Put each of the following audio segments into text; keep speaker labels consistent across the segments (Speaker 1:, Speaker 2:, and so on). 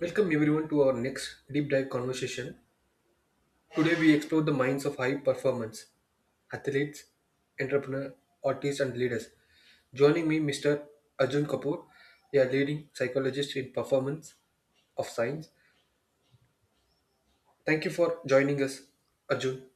Speaker 1: Welcome everyone to our next deep dive conversation. Today we explore the minds of high performance athletes, entrepreneurs, artists, and leaders. Joining me, Mr. Arjun Kapoor, a leading psychologist in performance of science. Thank you for joining us, Arjun.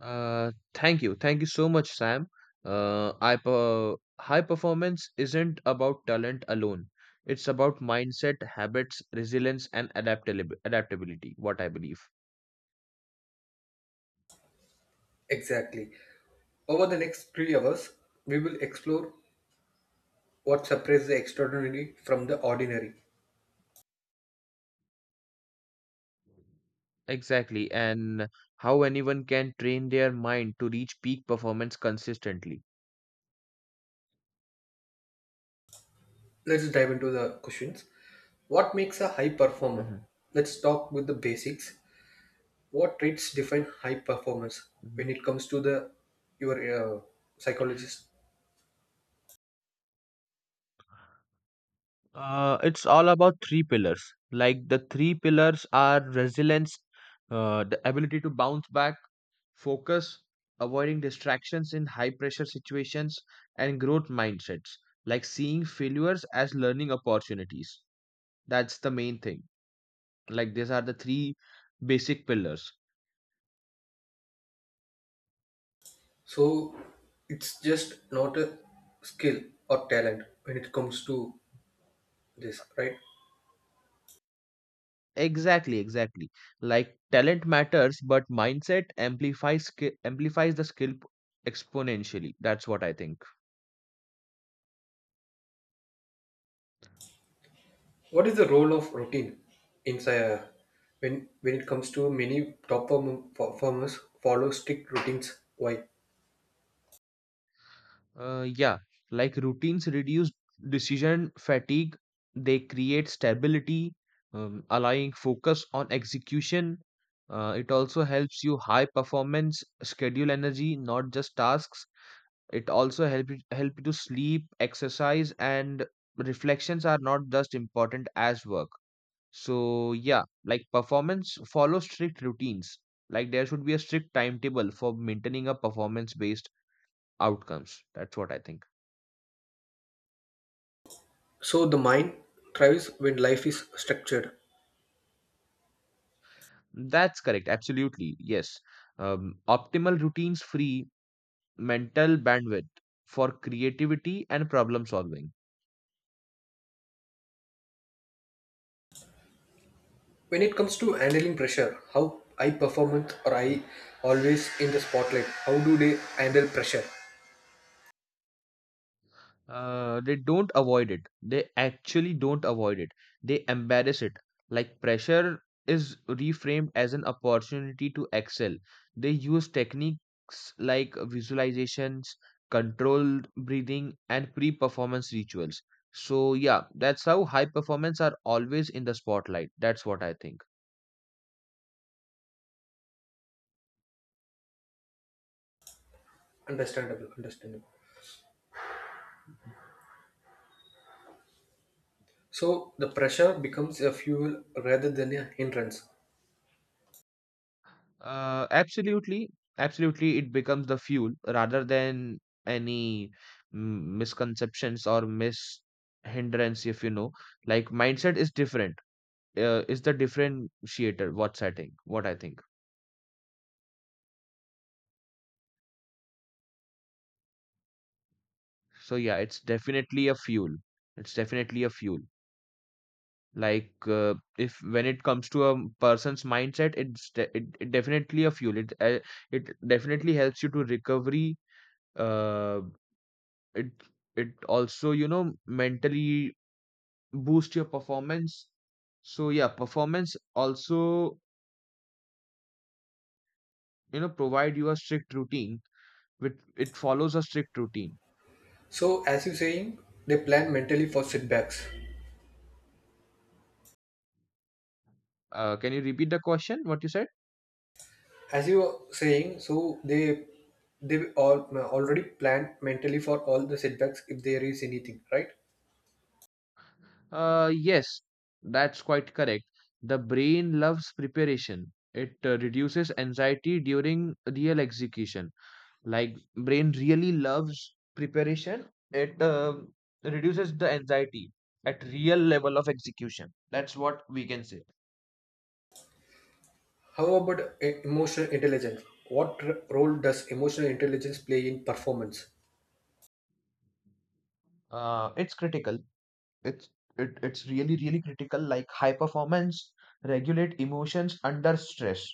Speaker 2: Thank you. Thank you so much, Sam. I per high performance isn't about talent alone. It's about mindset, habits, resilience, and adaptability, what I believe.
Speaker 1: Exactly. Over the next 3 hours, we will explore what separates the extraordinary from the ordinary.
Speaker 2: Exactly, and how anyone can train their mind to reach peak performance consistently.
Speaker 1: Let's dive into the questions. What makes a high performer?
Speaker 2: hmm
Speaker 1: Let's talk with the basics. What traits define high performance
Speaker 2: hmm
Speaker 1: when it comes to the your psychologist?
Speaker 2: It's all about three pillars. Like the three pillars are resilience, the ability to bounce back, focus, avoiding distractions in high pressure situations, and growth mindsets, like seeing failures as learning opportunities. That's the main thing. Like, these are the three basic pillars.
Speaker 1: So it's just not a skill or talent when it comes to this, right?
Speaker 2: Exactly, exactly. Like, talent matters, but amplifies the skill exponentially. That's what I think.
Speaker 1: What is the role of routine inside? uh, when it comes to many top performers follow strict routines? Why?
Speaker 2: Uh, yeah, like routines reduce decision fatigue, they create stability, allowing focus on execution. It also helps you high performance, schedule energy, not just tasks. It also help you to sleep, exercise, and reflections are not just important as work. So yeah, like performance follow strict routines. Like there should be a strict timetable for maintaining a performance based outcomes. That's what I think.
Speaker 1: So the mind thrives when life is structured.
Speaker 2: That's correct. Absolutely. Yes. Optimal routines free mental bandwidth for creativity and problem solving.
Speaker 1: When it comes to handling pressure, how high performance or
Speaker 2: Mm.
Speaker 1: I always in the spotlight, how do they handle pressure?
Speaker 2: They don't avoid it. They actually don't avoid it. They embarrass it. Like pressure is reframed as an opportunity to excel. They use techniques like visualizations, controlled breathing, and pre performance rituals. So, yeah, that's how high performance are always in the spotlight. That's what I think.
Speaker 1: Understandable, understandable. So the pressure becomes a fuel rather than a hindrance.
Speaker 2: Uh, absolutely, Absolutely, it becomes the fuel rather than any misconceptions or mis hindrance, if you know. Like mindset is different, is the differentiator. What I think. So yeah, it's definitely a fuel. It's definitely a fuel. If when it comes to a person's mindset, it definitely a fuel. It definitely helps you to recovery. Uh, it it also, you know, mentally boost your performance. So yeah, performance also, you know, provide you a strict routine with it follows a strict routine.
Speaker 1: So as you saying, they plan mentally for setbacks.
Speaker 2: Can you repeat the question what you said?
Speaker 1: As you are saying, so they all already plan mentally for all the setbacks if there is anything, right?
Speaker 2: Yes, that's quite correct. The brain loves preparation. It reduces anxiety during real execution. Like brain really loves preparation. It reduces the anxiety at real level of execution. That's what we can say.
Speaker 1: How about emotional intelligence? What role does emotional intelligence play in performance?
Speaker 2: It's critical. it's it's really, really critical. Like high performance regulate emotions under stress,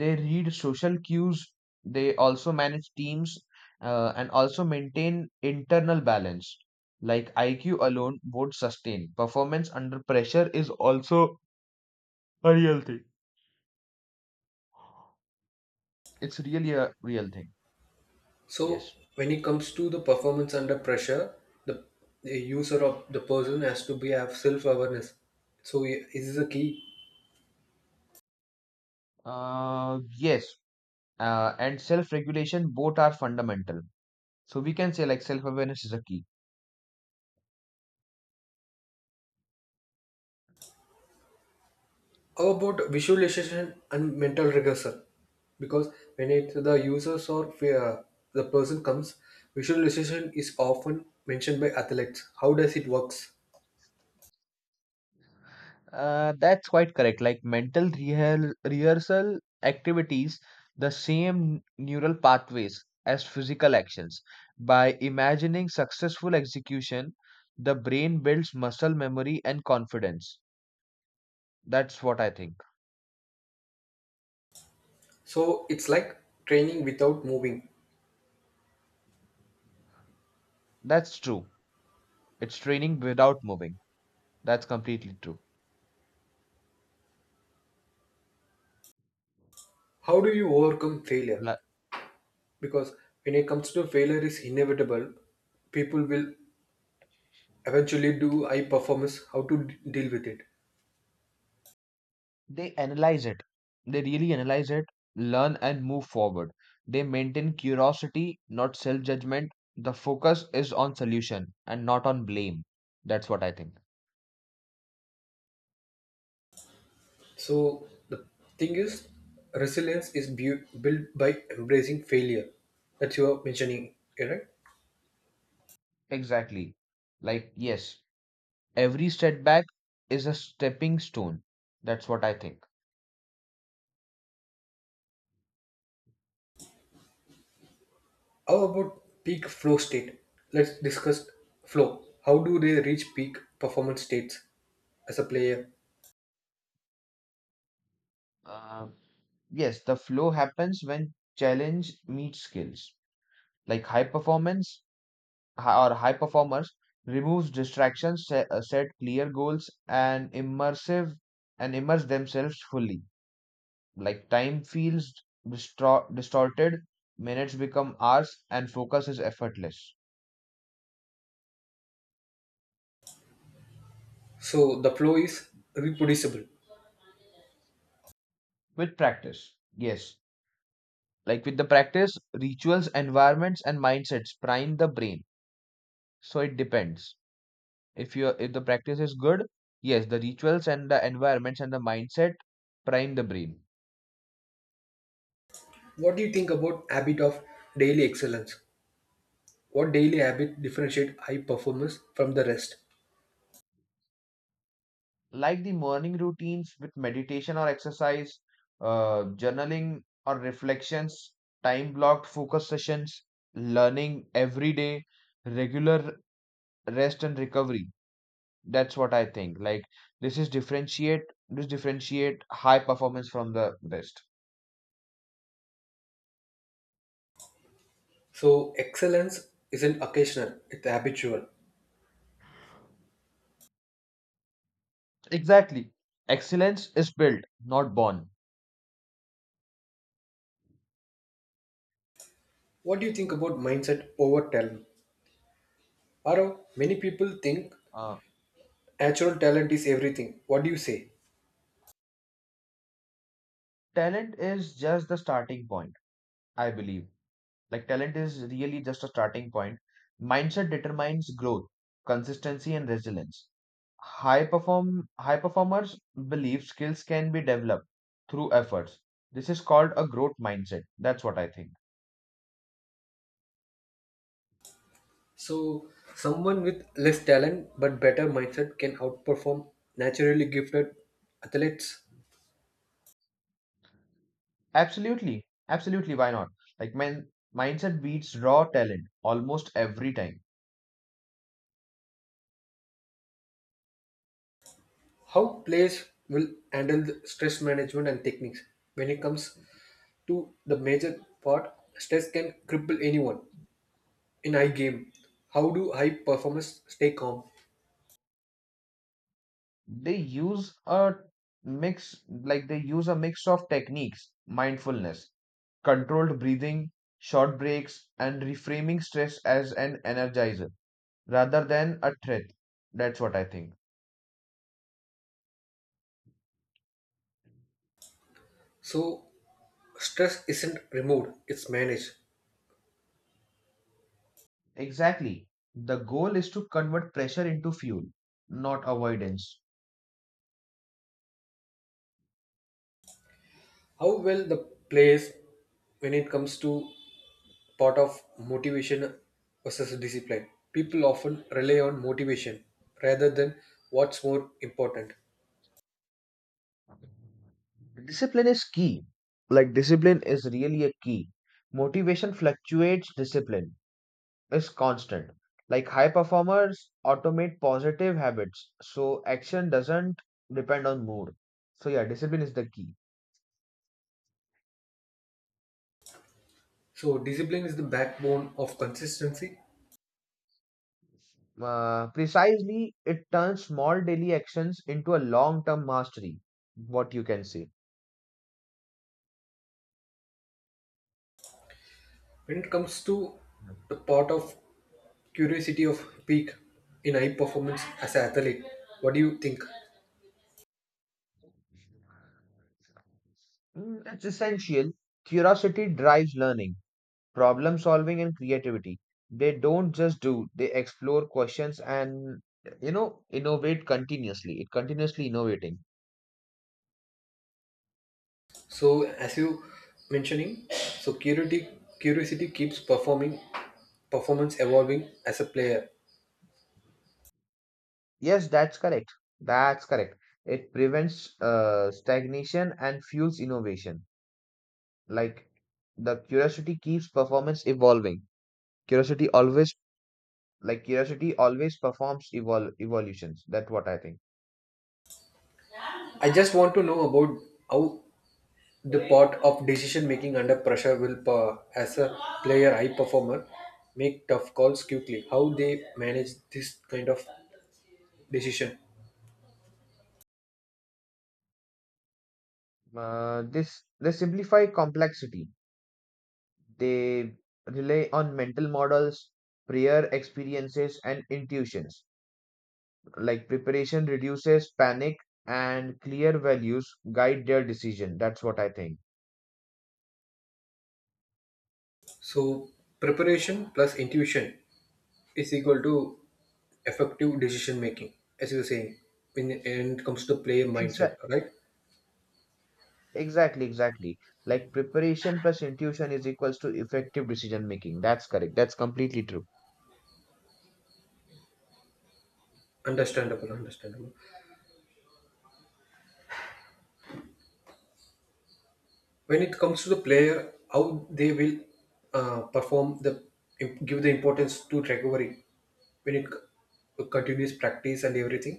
Speaker 2: they read social cues, they also manage teams, and also maintain internal balance. Like IQ alone won't sustain performance under pressure is also a real thing. It's really a real thing.
Speaker 1: So
Speaker 2: Yes.
Speaker 1: when it comes to the performance under pressure, the, the user of the person has to be have self awareness. So this is a key.
Speaker 2: Yes. And self-regulation both are fundamental. So we can say like self-awareness is a key.
Speaker 1: How about visualization and mental rehearsal? Because when it the users or the person comes, visualization is often mentioned by athletes. How does it works?
Speaker 2: That's quite correct. Like mental rehearsal activities, the same neural pathways as physical actions. By imagining successful execution, the brain builds muscle memory and confidence. That's what I think.
Speaker 1: So it's like training without moving.
Speaker 2: That's true. It's training without moving. That's completely true.
Speaker 1: How do you overcome failure?
Speaker 2: Li-
Speaker 1: Because when it comes to failure is inevitable, people will eventually do I perform is how to deal with it.
Speaker 2: they analyze it. They really analyze it, learn and move forward. They maintain curiosity, not self judgment. The focus is on solution and not on blame. That's what I think.
Speaker 1: So the thing is resilience is built by embracing failure that you are mentioning, correct?
Speaker 2: Exactly. Like yes, every setback is a stepping stone. That's what I think.
Speaker 1: How about peak flow state? Let's discuss flow. How do they reach peak performance states as a player?
Speaker 2: uh, yes, the flow happens when challenge meets skills. Like high performance hi- or high performers removes distractions, set clear goals and immersive and immerse themselves fully. Like time feels distorted, minutes become hours and focus is effortless.
Speaker 1: So the flow is reproducible.
Speaker 2: With practice, yes. Like with the practice rituals, environments and mindsets prime the brain. So it depends. If you if the practice is good, yes, the rituals and the environments and the mindset prime the brain.
Speaker 1: What do you think about habit of daily excellence? What daily habit differentiate high performance from the rest?
Speaker 2: Like the morning routines with meditation or exercise, journaling or reflections, time blocked focus sessions, learning every day, regular rest and recovery. That's what I think. Like this is differentiate, this differentiate high performance from the rest.
Speaker 1: So excellence isn't occasional, it's habitual.
Speaker 2: Exactly. Excellence is built, not born.
Speaker 1: What do you think about mindset over talent? Arav, many people think
Speaker 2: Uh,
Speaker 1: natural talent is everything. What do you say?
Speaker 2: Talent is just the starting point, I believe. Like talent is really just a starting point. Mindset determines growth, consistency, and resilience. High performers believe skills can be developed through efforts. This is called a growth mindset. That's what I think.
Speaker 1: So, someone with less talent but better mindset can outperform naturally gifted athletes.
Speaker 2: Absolutely, absolutely. Why not? Like mindset beats raw talent almost every time.
Speaker 1: How players will handle the stress management and techniques? When it comes to the major part, stress can cripple anyone in high game. How do high performers stay calm?
Speaker 2: They use a mix. Like they use a mix of techniques: mindfulness, controlled breathing, short breaks and reframing stress as an energizer rather than a threat. That's what I think.
Speaker 1: So, stress isn't removed, it's managed.
Speaker 2: Exactly. The goal is to convert pressure into fuel, not avoidance.
Speaker 1: How well the plays when it comes to part of motivation versus discipline? People often rely on motivation rather than what's more important.
Speaker 2: Discipline is key. Like discipline is really a key. Motivation fluctuates, discipline is constant. Like high performers automate positive habits, so action doesn't depend on mood. So, yeah, discipline is the key.
Speaker 1: So discipline is the backbone of consistency.
Speaker 2: Precisely, it turns small daily actions into a long term mastery, what you can say.
Speaker 1: When it comes to the part of curiosity of peak in high performance as an athlete, what do you think?
Speaker 2: It's essential. Curiosity drives learning, problem solving, and creativity. They don't just do, they explore questions and, you know, innovate continuously. It continuously innovating.
Speaker 1: So as you mentioning, so curiosity keeps performing performance evolving as a player.
Speaker 2: Yes, that's correct. That's correct. It prevents stagnation and fuels innovation. Like the curiosity keeps performance evolving. Curiosity always, like curiosity always performs evolutions. That's what I think.
Speaker 1: I just want to know about how the part of decision making under pressure will, as a player, high performer, make tough calls quickly. How they manage this kind of decision.
Speaker 2: This They simplify complexity. They rely on mental models, prior experiences, and intuitions. Like preparation reduces panic and clear values guide their decision. That's what I think.
Speaker 1: So preparation plus intuition is equal to effective decision making, as you're saying. When it comes to player mindset,
Speaker 2: Exactly.
Speaker 1: right?
Speaker 2: Exactly. Like preparation plus intuition is equals to effective decision making. That's correct. That's completely true.
Speaker 1: Understandable, understandable. When it comes to the player how they will perform the give the importance to recovery when it continues practice and everything.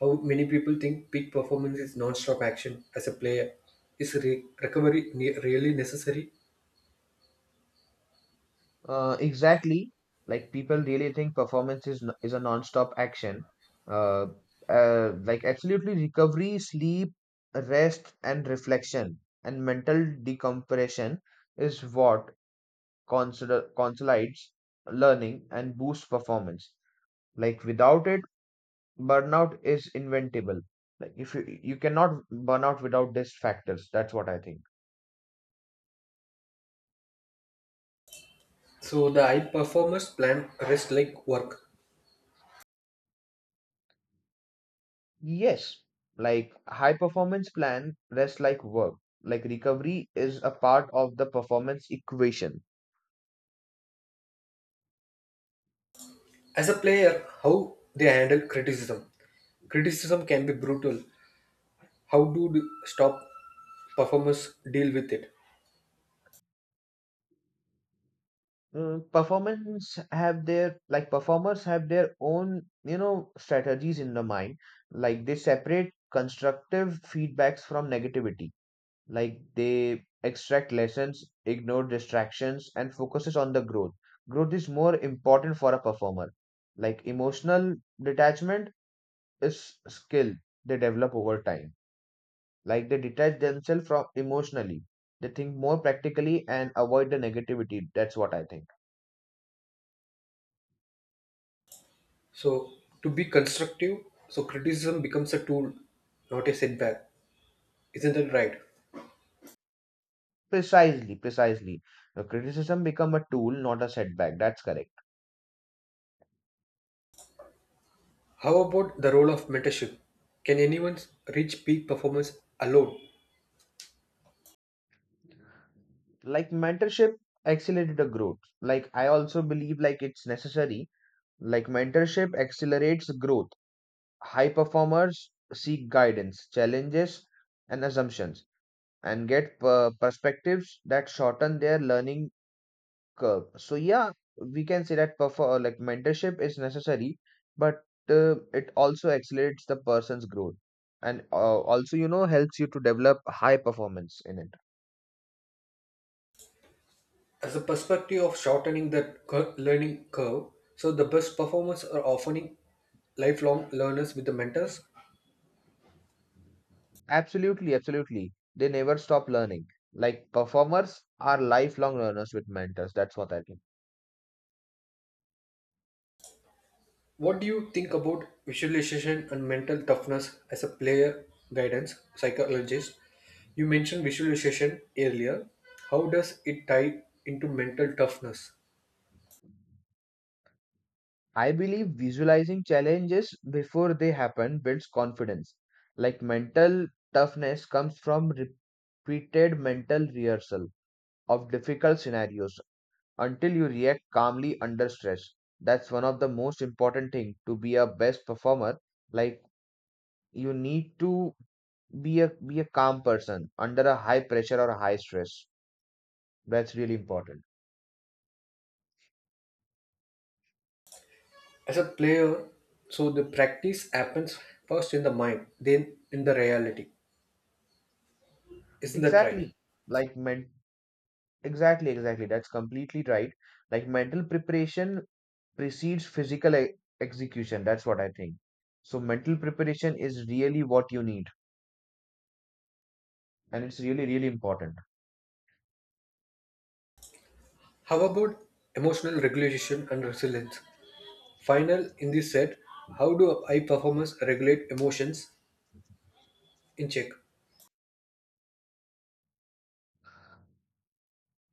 Speaker 1: How many people think peak performance is non-stop action as a player? Is recovery really necessary?
Speaker 2: Exactly. Like people really think performance is a non-stop action. Uh, like absolutely recovery, sleep, rest, and reflection and mental decompression is what consider consolidates learning and boosts performance. Like without it, burnout is inventable. Like if you cannot burn out without these factors. That's what I think.
Speaker 1: So the high performers plan rest like work.
Speaker 2: Yes, like high performance plan rest like work. Like recovery is a part of the performance equation.
Speaker 1: As a player, how they handle criticism. Criticism can be brutal. How do the stop performers deal with it?
Speaker 2: Performance have their Like performers have their own, you know, strategies in the mind. Like they separate constructive feedbacks from negativity. Like they extract lessons, ignore distractions and focuses on the growth. Growth is more important for a performer. Like emotional detachment is skill they develop over time. Like they detach themselves from emotionally, they think more practically and avoid the negativity. That's what I think.
Speaker 1: So, to be constructive, so criticism becomes a tool, not a setback. Isn't that right?
Speaker 2: Precisely. The criticism become a tool, not a setback. That's correct.
Speaker 1: How about the role of mentorship? Can anyone reach peak performance alone?
Speaker 2: Like mentorship accelerated the growth. Like I also believe like it's necessary. Like mentorship accelerates growth. High performers seek guidance, challenges, and assumptions, and get perspectives that shorten their learning curve. So yeah, we can say that like mentorship is necessary, but it also accelerates the person's growth, and also, you know, helps you to develop high performance in it.
Speaker 1: As a perspective of shortening the learning curve, so the best performers are often lifelong learners with the mentors.
Speaker 2: Absolutely, absolutely. They never stop learning. Like performers are lifelong learners with mentors. That's what I think.
Speaker 1: What do you think about visualization and mental toughness as a player guidance psychologist? You mentioned visualization earlier. How does it tie into mental toughness?
Speaker 2: I believe visualizing challenges before they happen builds confidence. Like mental toughness comes from repeated mental rehearsal of difficult scenarios until you react calmly under stress. That's one of the most important thing to be a best performer. Like you need to be a calm person under a high pressure or a high stress. That's really important.
Speaker 1: As a player, so the practice happens first in the mind, then in the reality. Isn't that right?
Speaker 2: Exactly. Like men exactly, exactly. That's completely right. Like mental preparation precedes execution. That's what I think. So mental preparation is really what you need, and it's really, really important.
Speaker 1: How about emotional regulation and resilience? Final in this set, how do high performers regulate emotions in check?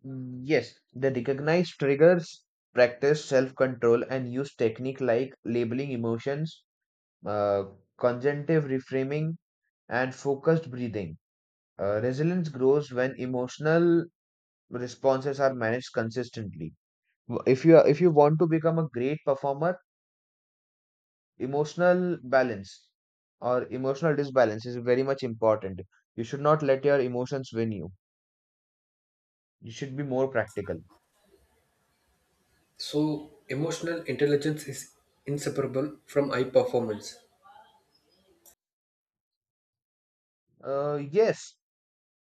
Speaker 2: Yes, they recognize triggers, practice self-control, and use technique like labeling emotions, uh, conjunctive reframing, and focused breathing. Resilience grows when emotional responses are managed consistently. If you want to become a great performer, emotional balance or emotional disbalance is very much important. You should not let your emotions win you. You should be more practical.
Speaker 1: So, emotional intelligence is inseparable from high performance.
Speaker 2: Yes,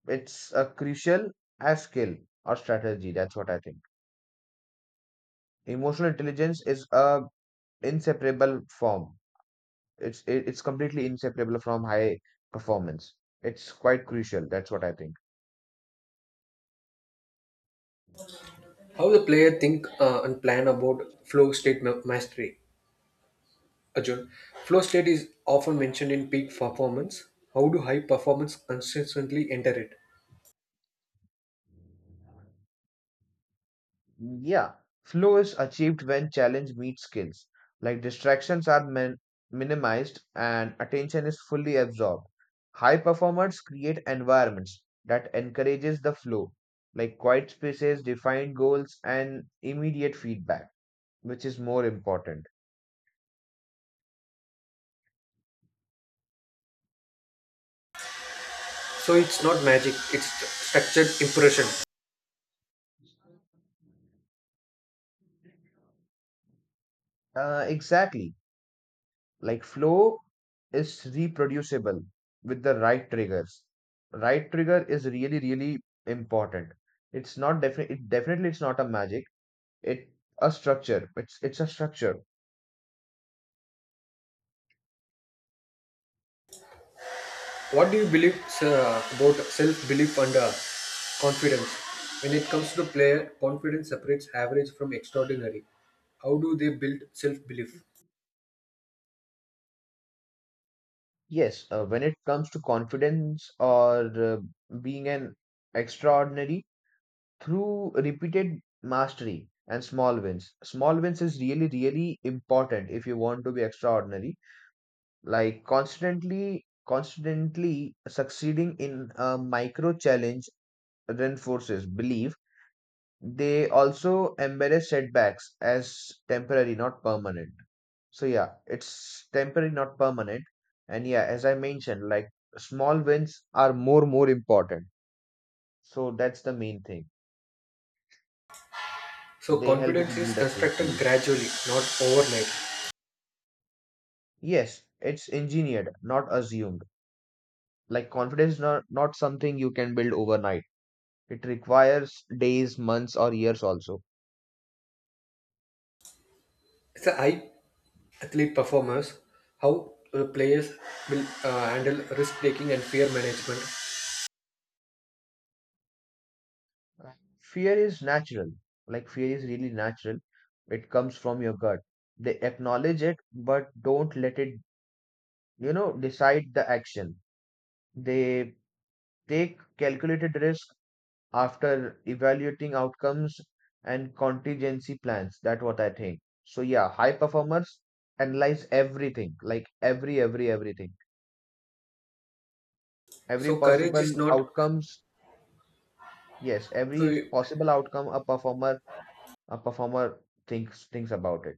Speaker 2: it's a crucial as skill or strategy. That's what I think. Emotional intelligence is a inseparable form. It's completely inseparable from high performance. It's quite crucial. That's what I think.
Speaker 1: How the player think and plan about flow state mastery. Arjun, flow state is often mentioned in peak performance. How do high performance consistently enter it?
Speaker 2: Yeah, flow is achieved when challenge meets skills, like distractions are minimized and attention is fully absorbed. High performers create environments that encourages the flow, like quiet spaces, defined goals, and immediate feedback, which is more important.
Speaker 1: So it's not magic; it's structured impression.
Speaker 2: Exactly, like flow is reproducible with the right triggers. Right trigger is really, really important. It definitely it's not a magic. It A structure. It's a structure.
Speaker 1: What do you believe sir, about self-belief and confidence? When it comes to the player, confidence separates average from extraordinary. How do they build self-belief?
Speaker 2: Yes. When it comes to confidence or being an extraordinary, through repeated mastery and small wins. Small wins is really, really important if you want to be extraordinary. Like constantly succeeding in a micro challenge reinforces belief. They also embrace setbacks as temporary, not permanent. So yeah, it's temporary, not permanent. And yeah, as I mentioned, like small wins are more important. So that's the main thing.
Speaker 1: So
Speaker 2: They help you to
Speaker 1: confidence is
Speaker 2: build a
Speaker 1: constructed
Speaker 2: self-belief.
Speaker 1: gradually, not overnight.
Speaker 2: Yes, it's engineered, not assumed. Like confidence is not something you can build overnight. It requires days, months, or years also.
Speaker 1: It's a high athlete performers, how the players will handle risk taking and fear management.
Speaker 2: Uh, Fear is natural, like fear is really natural. It comes from your gut. They acknowledge it but don't let it, decide the action. They take calculated risk after evaluating outcomes and contingency plans. That's what I think. So yeah, high performers analyze everything, like every everything, every
Speaker 1: So courage
Speaker 2: possible
Speaker 1: is not
Speaker 2: outcomes. Yes,
Speaker 1: so
Speaker 2: every possible outcome. A performer thinks about it,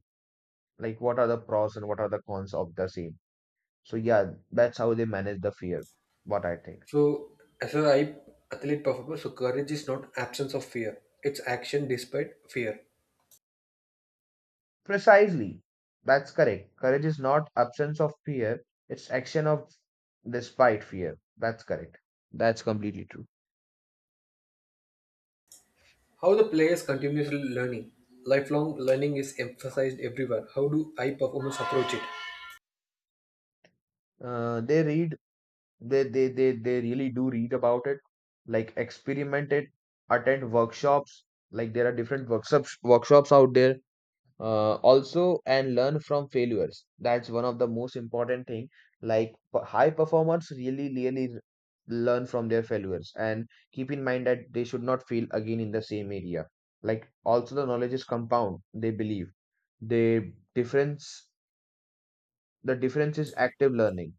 Speaker 2: like what are the pros and what are the cons of the same. So yeah, that's how they manage the fear, what I think.
Speaker 1: So as a high athlete performer. So courage is not absence of fear. It's action despite fear.
Speaker 2: Precisely. That's correct. Courage is not absence of fear, it's action of despite fear. That's correct. That's completely true.
Speaker 1: How the players continuously learning. Lifelong learning is emphasized everywhere. How do high performers approach it?
Speaker 2: They read. They really do read about it, like experiment it, attend workshops. Like there are different workshops out there. Also, and learn from failures. That's one of the most important thing. Like high performers really really learn from their failures and keep in mind that they should not fail again in the same area. Like also, the knowledge is compound, they believe. they difference the difference is active learning.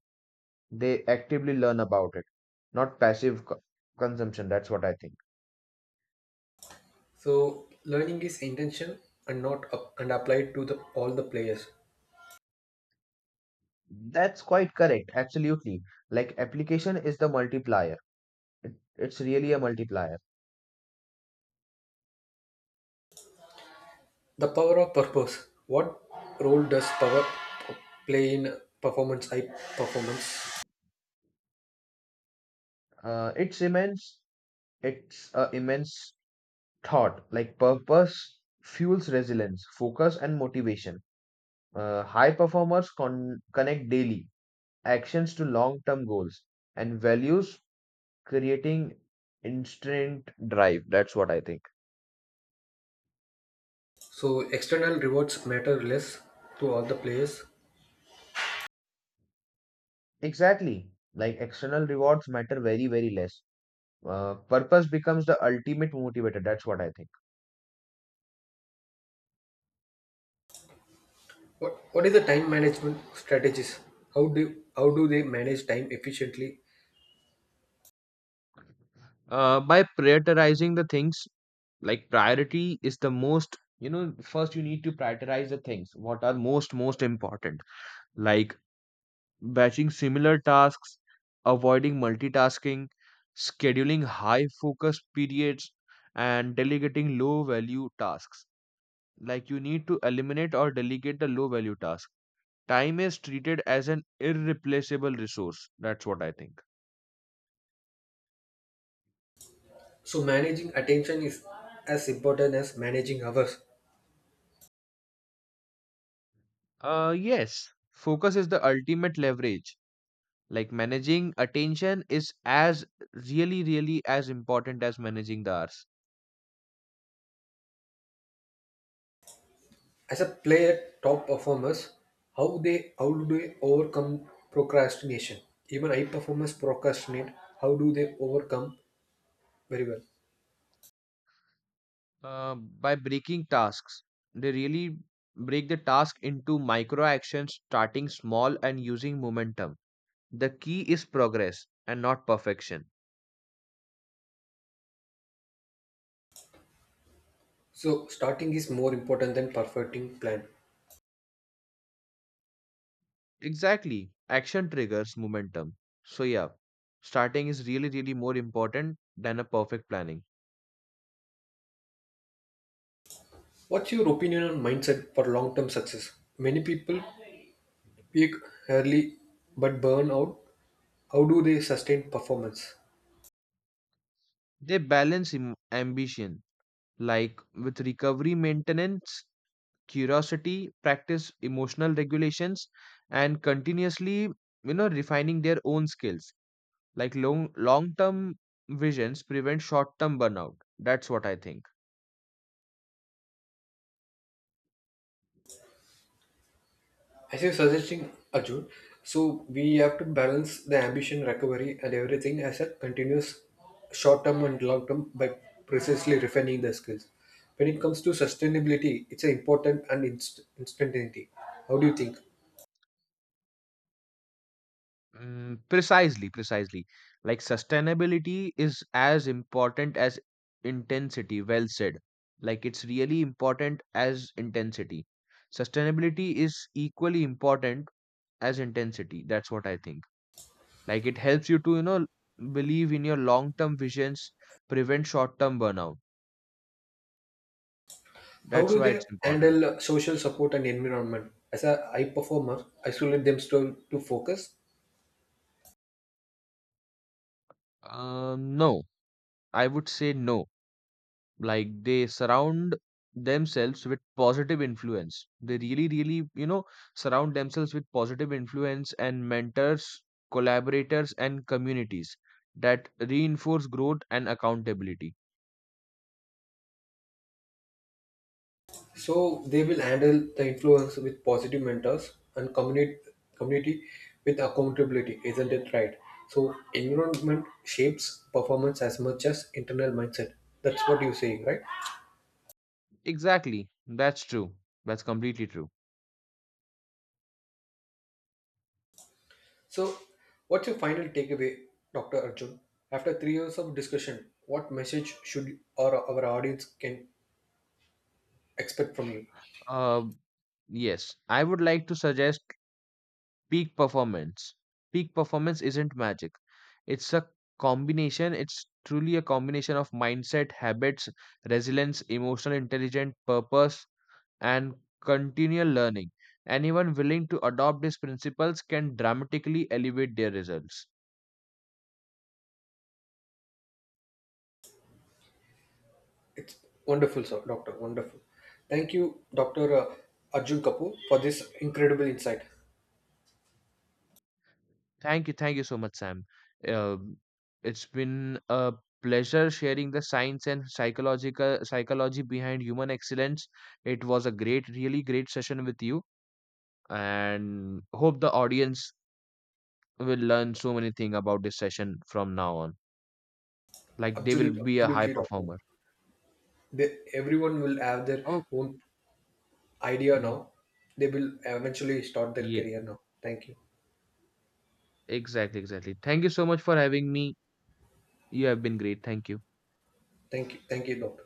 Speaker 2: They actively learn about it, not passive consumption. That's what I think.
Speaker 1: So learning is intention and not up and applied to the all the players.
Speaker 2: That's quite correct, absolutely. Like application is the multiplier. It's really a multiplier.
Speaker 1: The power of purpose. What role does power p- play in performance? High performance.
Speaker 2: It's immense. It's a immense thought. Like purpose fuels resilience, focus, and motivation. High performers connect daily actions to long-term goals and values, creating instant drive. That's what I think.
Speaker 1: So external rewards matter less to all the players.
Speaker 2: Exactly. Like external rewards matter very, very less. Purpose becomes the ultimate motivator. That's what I think.
Speaker 1: What is the time management strategies? How do How do they manage time efficiently?
Speaker 2: By prioritizing the things. Like priority is the most, first you need to prioritize the things what are most important. Like batching similar tasks, avoiding multitasking, scheduling high focus periods, and delegating low value tasks. Like you need to eliminate or delegate the low value task. Time is treated as an irreplaceable resource. That's what I think.
Speaker 1: So managing attention is as important as managing hours.
Speaker 2: Uh yes, focus is the ultimate leverage. Like managing attention is as really, really as important as managing the hours.
Speaker 1: As a player, top performers, how do they overcome procrastination? Even high performers procrastinate. How do they overcome very well?
Speaker 2: By breaking tasks, they really break the task into micro actions, starting small and using momentum. The key is progress and not perfection.
Speaker 1: So, starting is more important than perfecting plan.
Speaker 2: Exactly. Action triggers momentum. So yeah, starting is really, really more important than a perfect planning.
Speaker 1: What's your opinion on mindset for long-term success? Many people peak early but burn out. How do they sustain performance?
Speaker 2: They balance ambition like with recovery maintenance, curiosity, practice emotional regulations, and continuously, refining their own skills. Like long term visions prevent short term burnout. That's what I think.
Speaker 1: As you're suggesting, Arjun, so we have to balance the ambition, recovery, and everything as a continuous short-term and long-term by precisely refining the skills. When it comes to sustainability, it's an important and instantaneity. How do you think?
Speaker 2: Mm, precisely, precisely. Like sustainability is as important as intensity. Well said. Like it's really important as intensity. Sustainability is equally important as intensity. That's what I think. Like it helps you to, believe in your long-term visions, prevent short-term burnout.
Speaker 1: How
Speaker 2: That's
Speaker 1: do
Speaker 2: why
Speaker 1: they
Speaker 2: it's important.
Speaker 1: handle social support and environment? As a high performer, isolate themselves to focus.
Speaker 2: No, I would say no. Like they surround themselves with positive influence. They really, really, surround themselves with positive influence and mentors, collaborators, and communities that reinforce growth and accountability.
Speaker 1: So they will handle the influence with positive mentors and community with accountability, isn't it right? So environment shapes performance as much as internal mindset. That's what you're saying, right?
Speaker 2: Exactly. That's true. That's completely true.
Speaker 1: So what's your final takeaway, Dr. Arjun? After 3 years of discussion, what message should our audience can expect from you?
Speaker 2: Uh, yes, I would like to suggest peak performance. Peak performance isn't magic. It's a combination. It's truly a combination of mindset, habits, resilience, emotional intelligence, purpose, and continual learning. Anyone willing to adopt these principles can dramatically elevate their results.
Speaker 1: It's wonderful, sir, doctor. Wonderful. Thank you, Doctor Arjun Kapoor, for this incredible insight.
Speaker 2: Thank you, thank you so much, Sam. uh, it's been a pleasure sharing the science and psychological psychology behind human excellence. It was a great really great session with you, and hope the audience will learn so many things about this session from now on. Like they will
Speaker 1: Absolutely,
Speaker 2: be a high
Speaker 1: absolutely, doctor.
Speaker 2: performer.
Speaker 1: They, everyone will have their
Speaker 2: Oh,
Speaker 1: own idea
Speaker 2: mhm.
Speaker 1: now. They will eventually start their
Speaker 2: Yeah,
Speaker 1: career now.
Speaker 2: exactly, exactly. Thank you so much for having me. You have been great. Thank you.
Speaker 1: Thank you, doctor.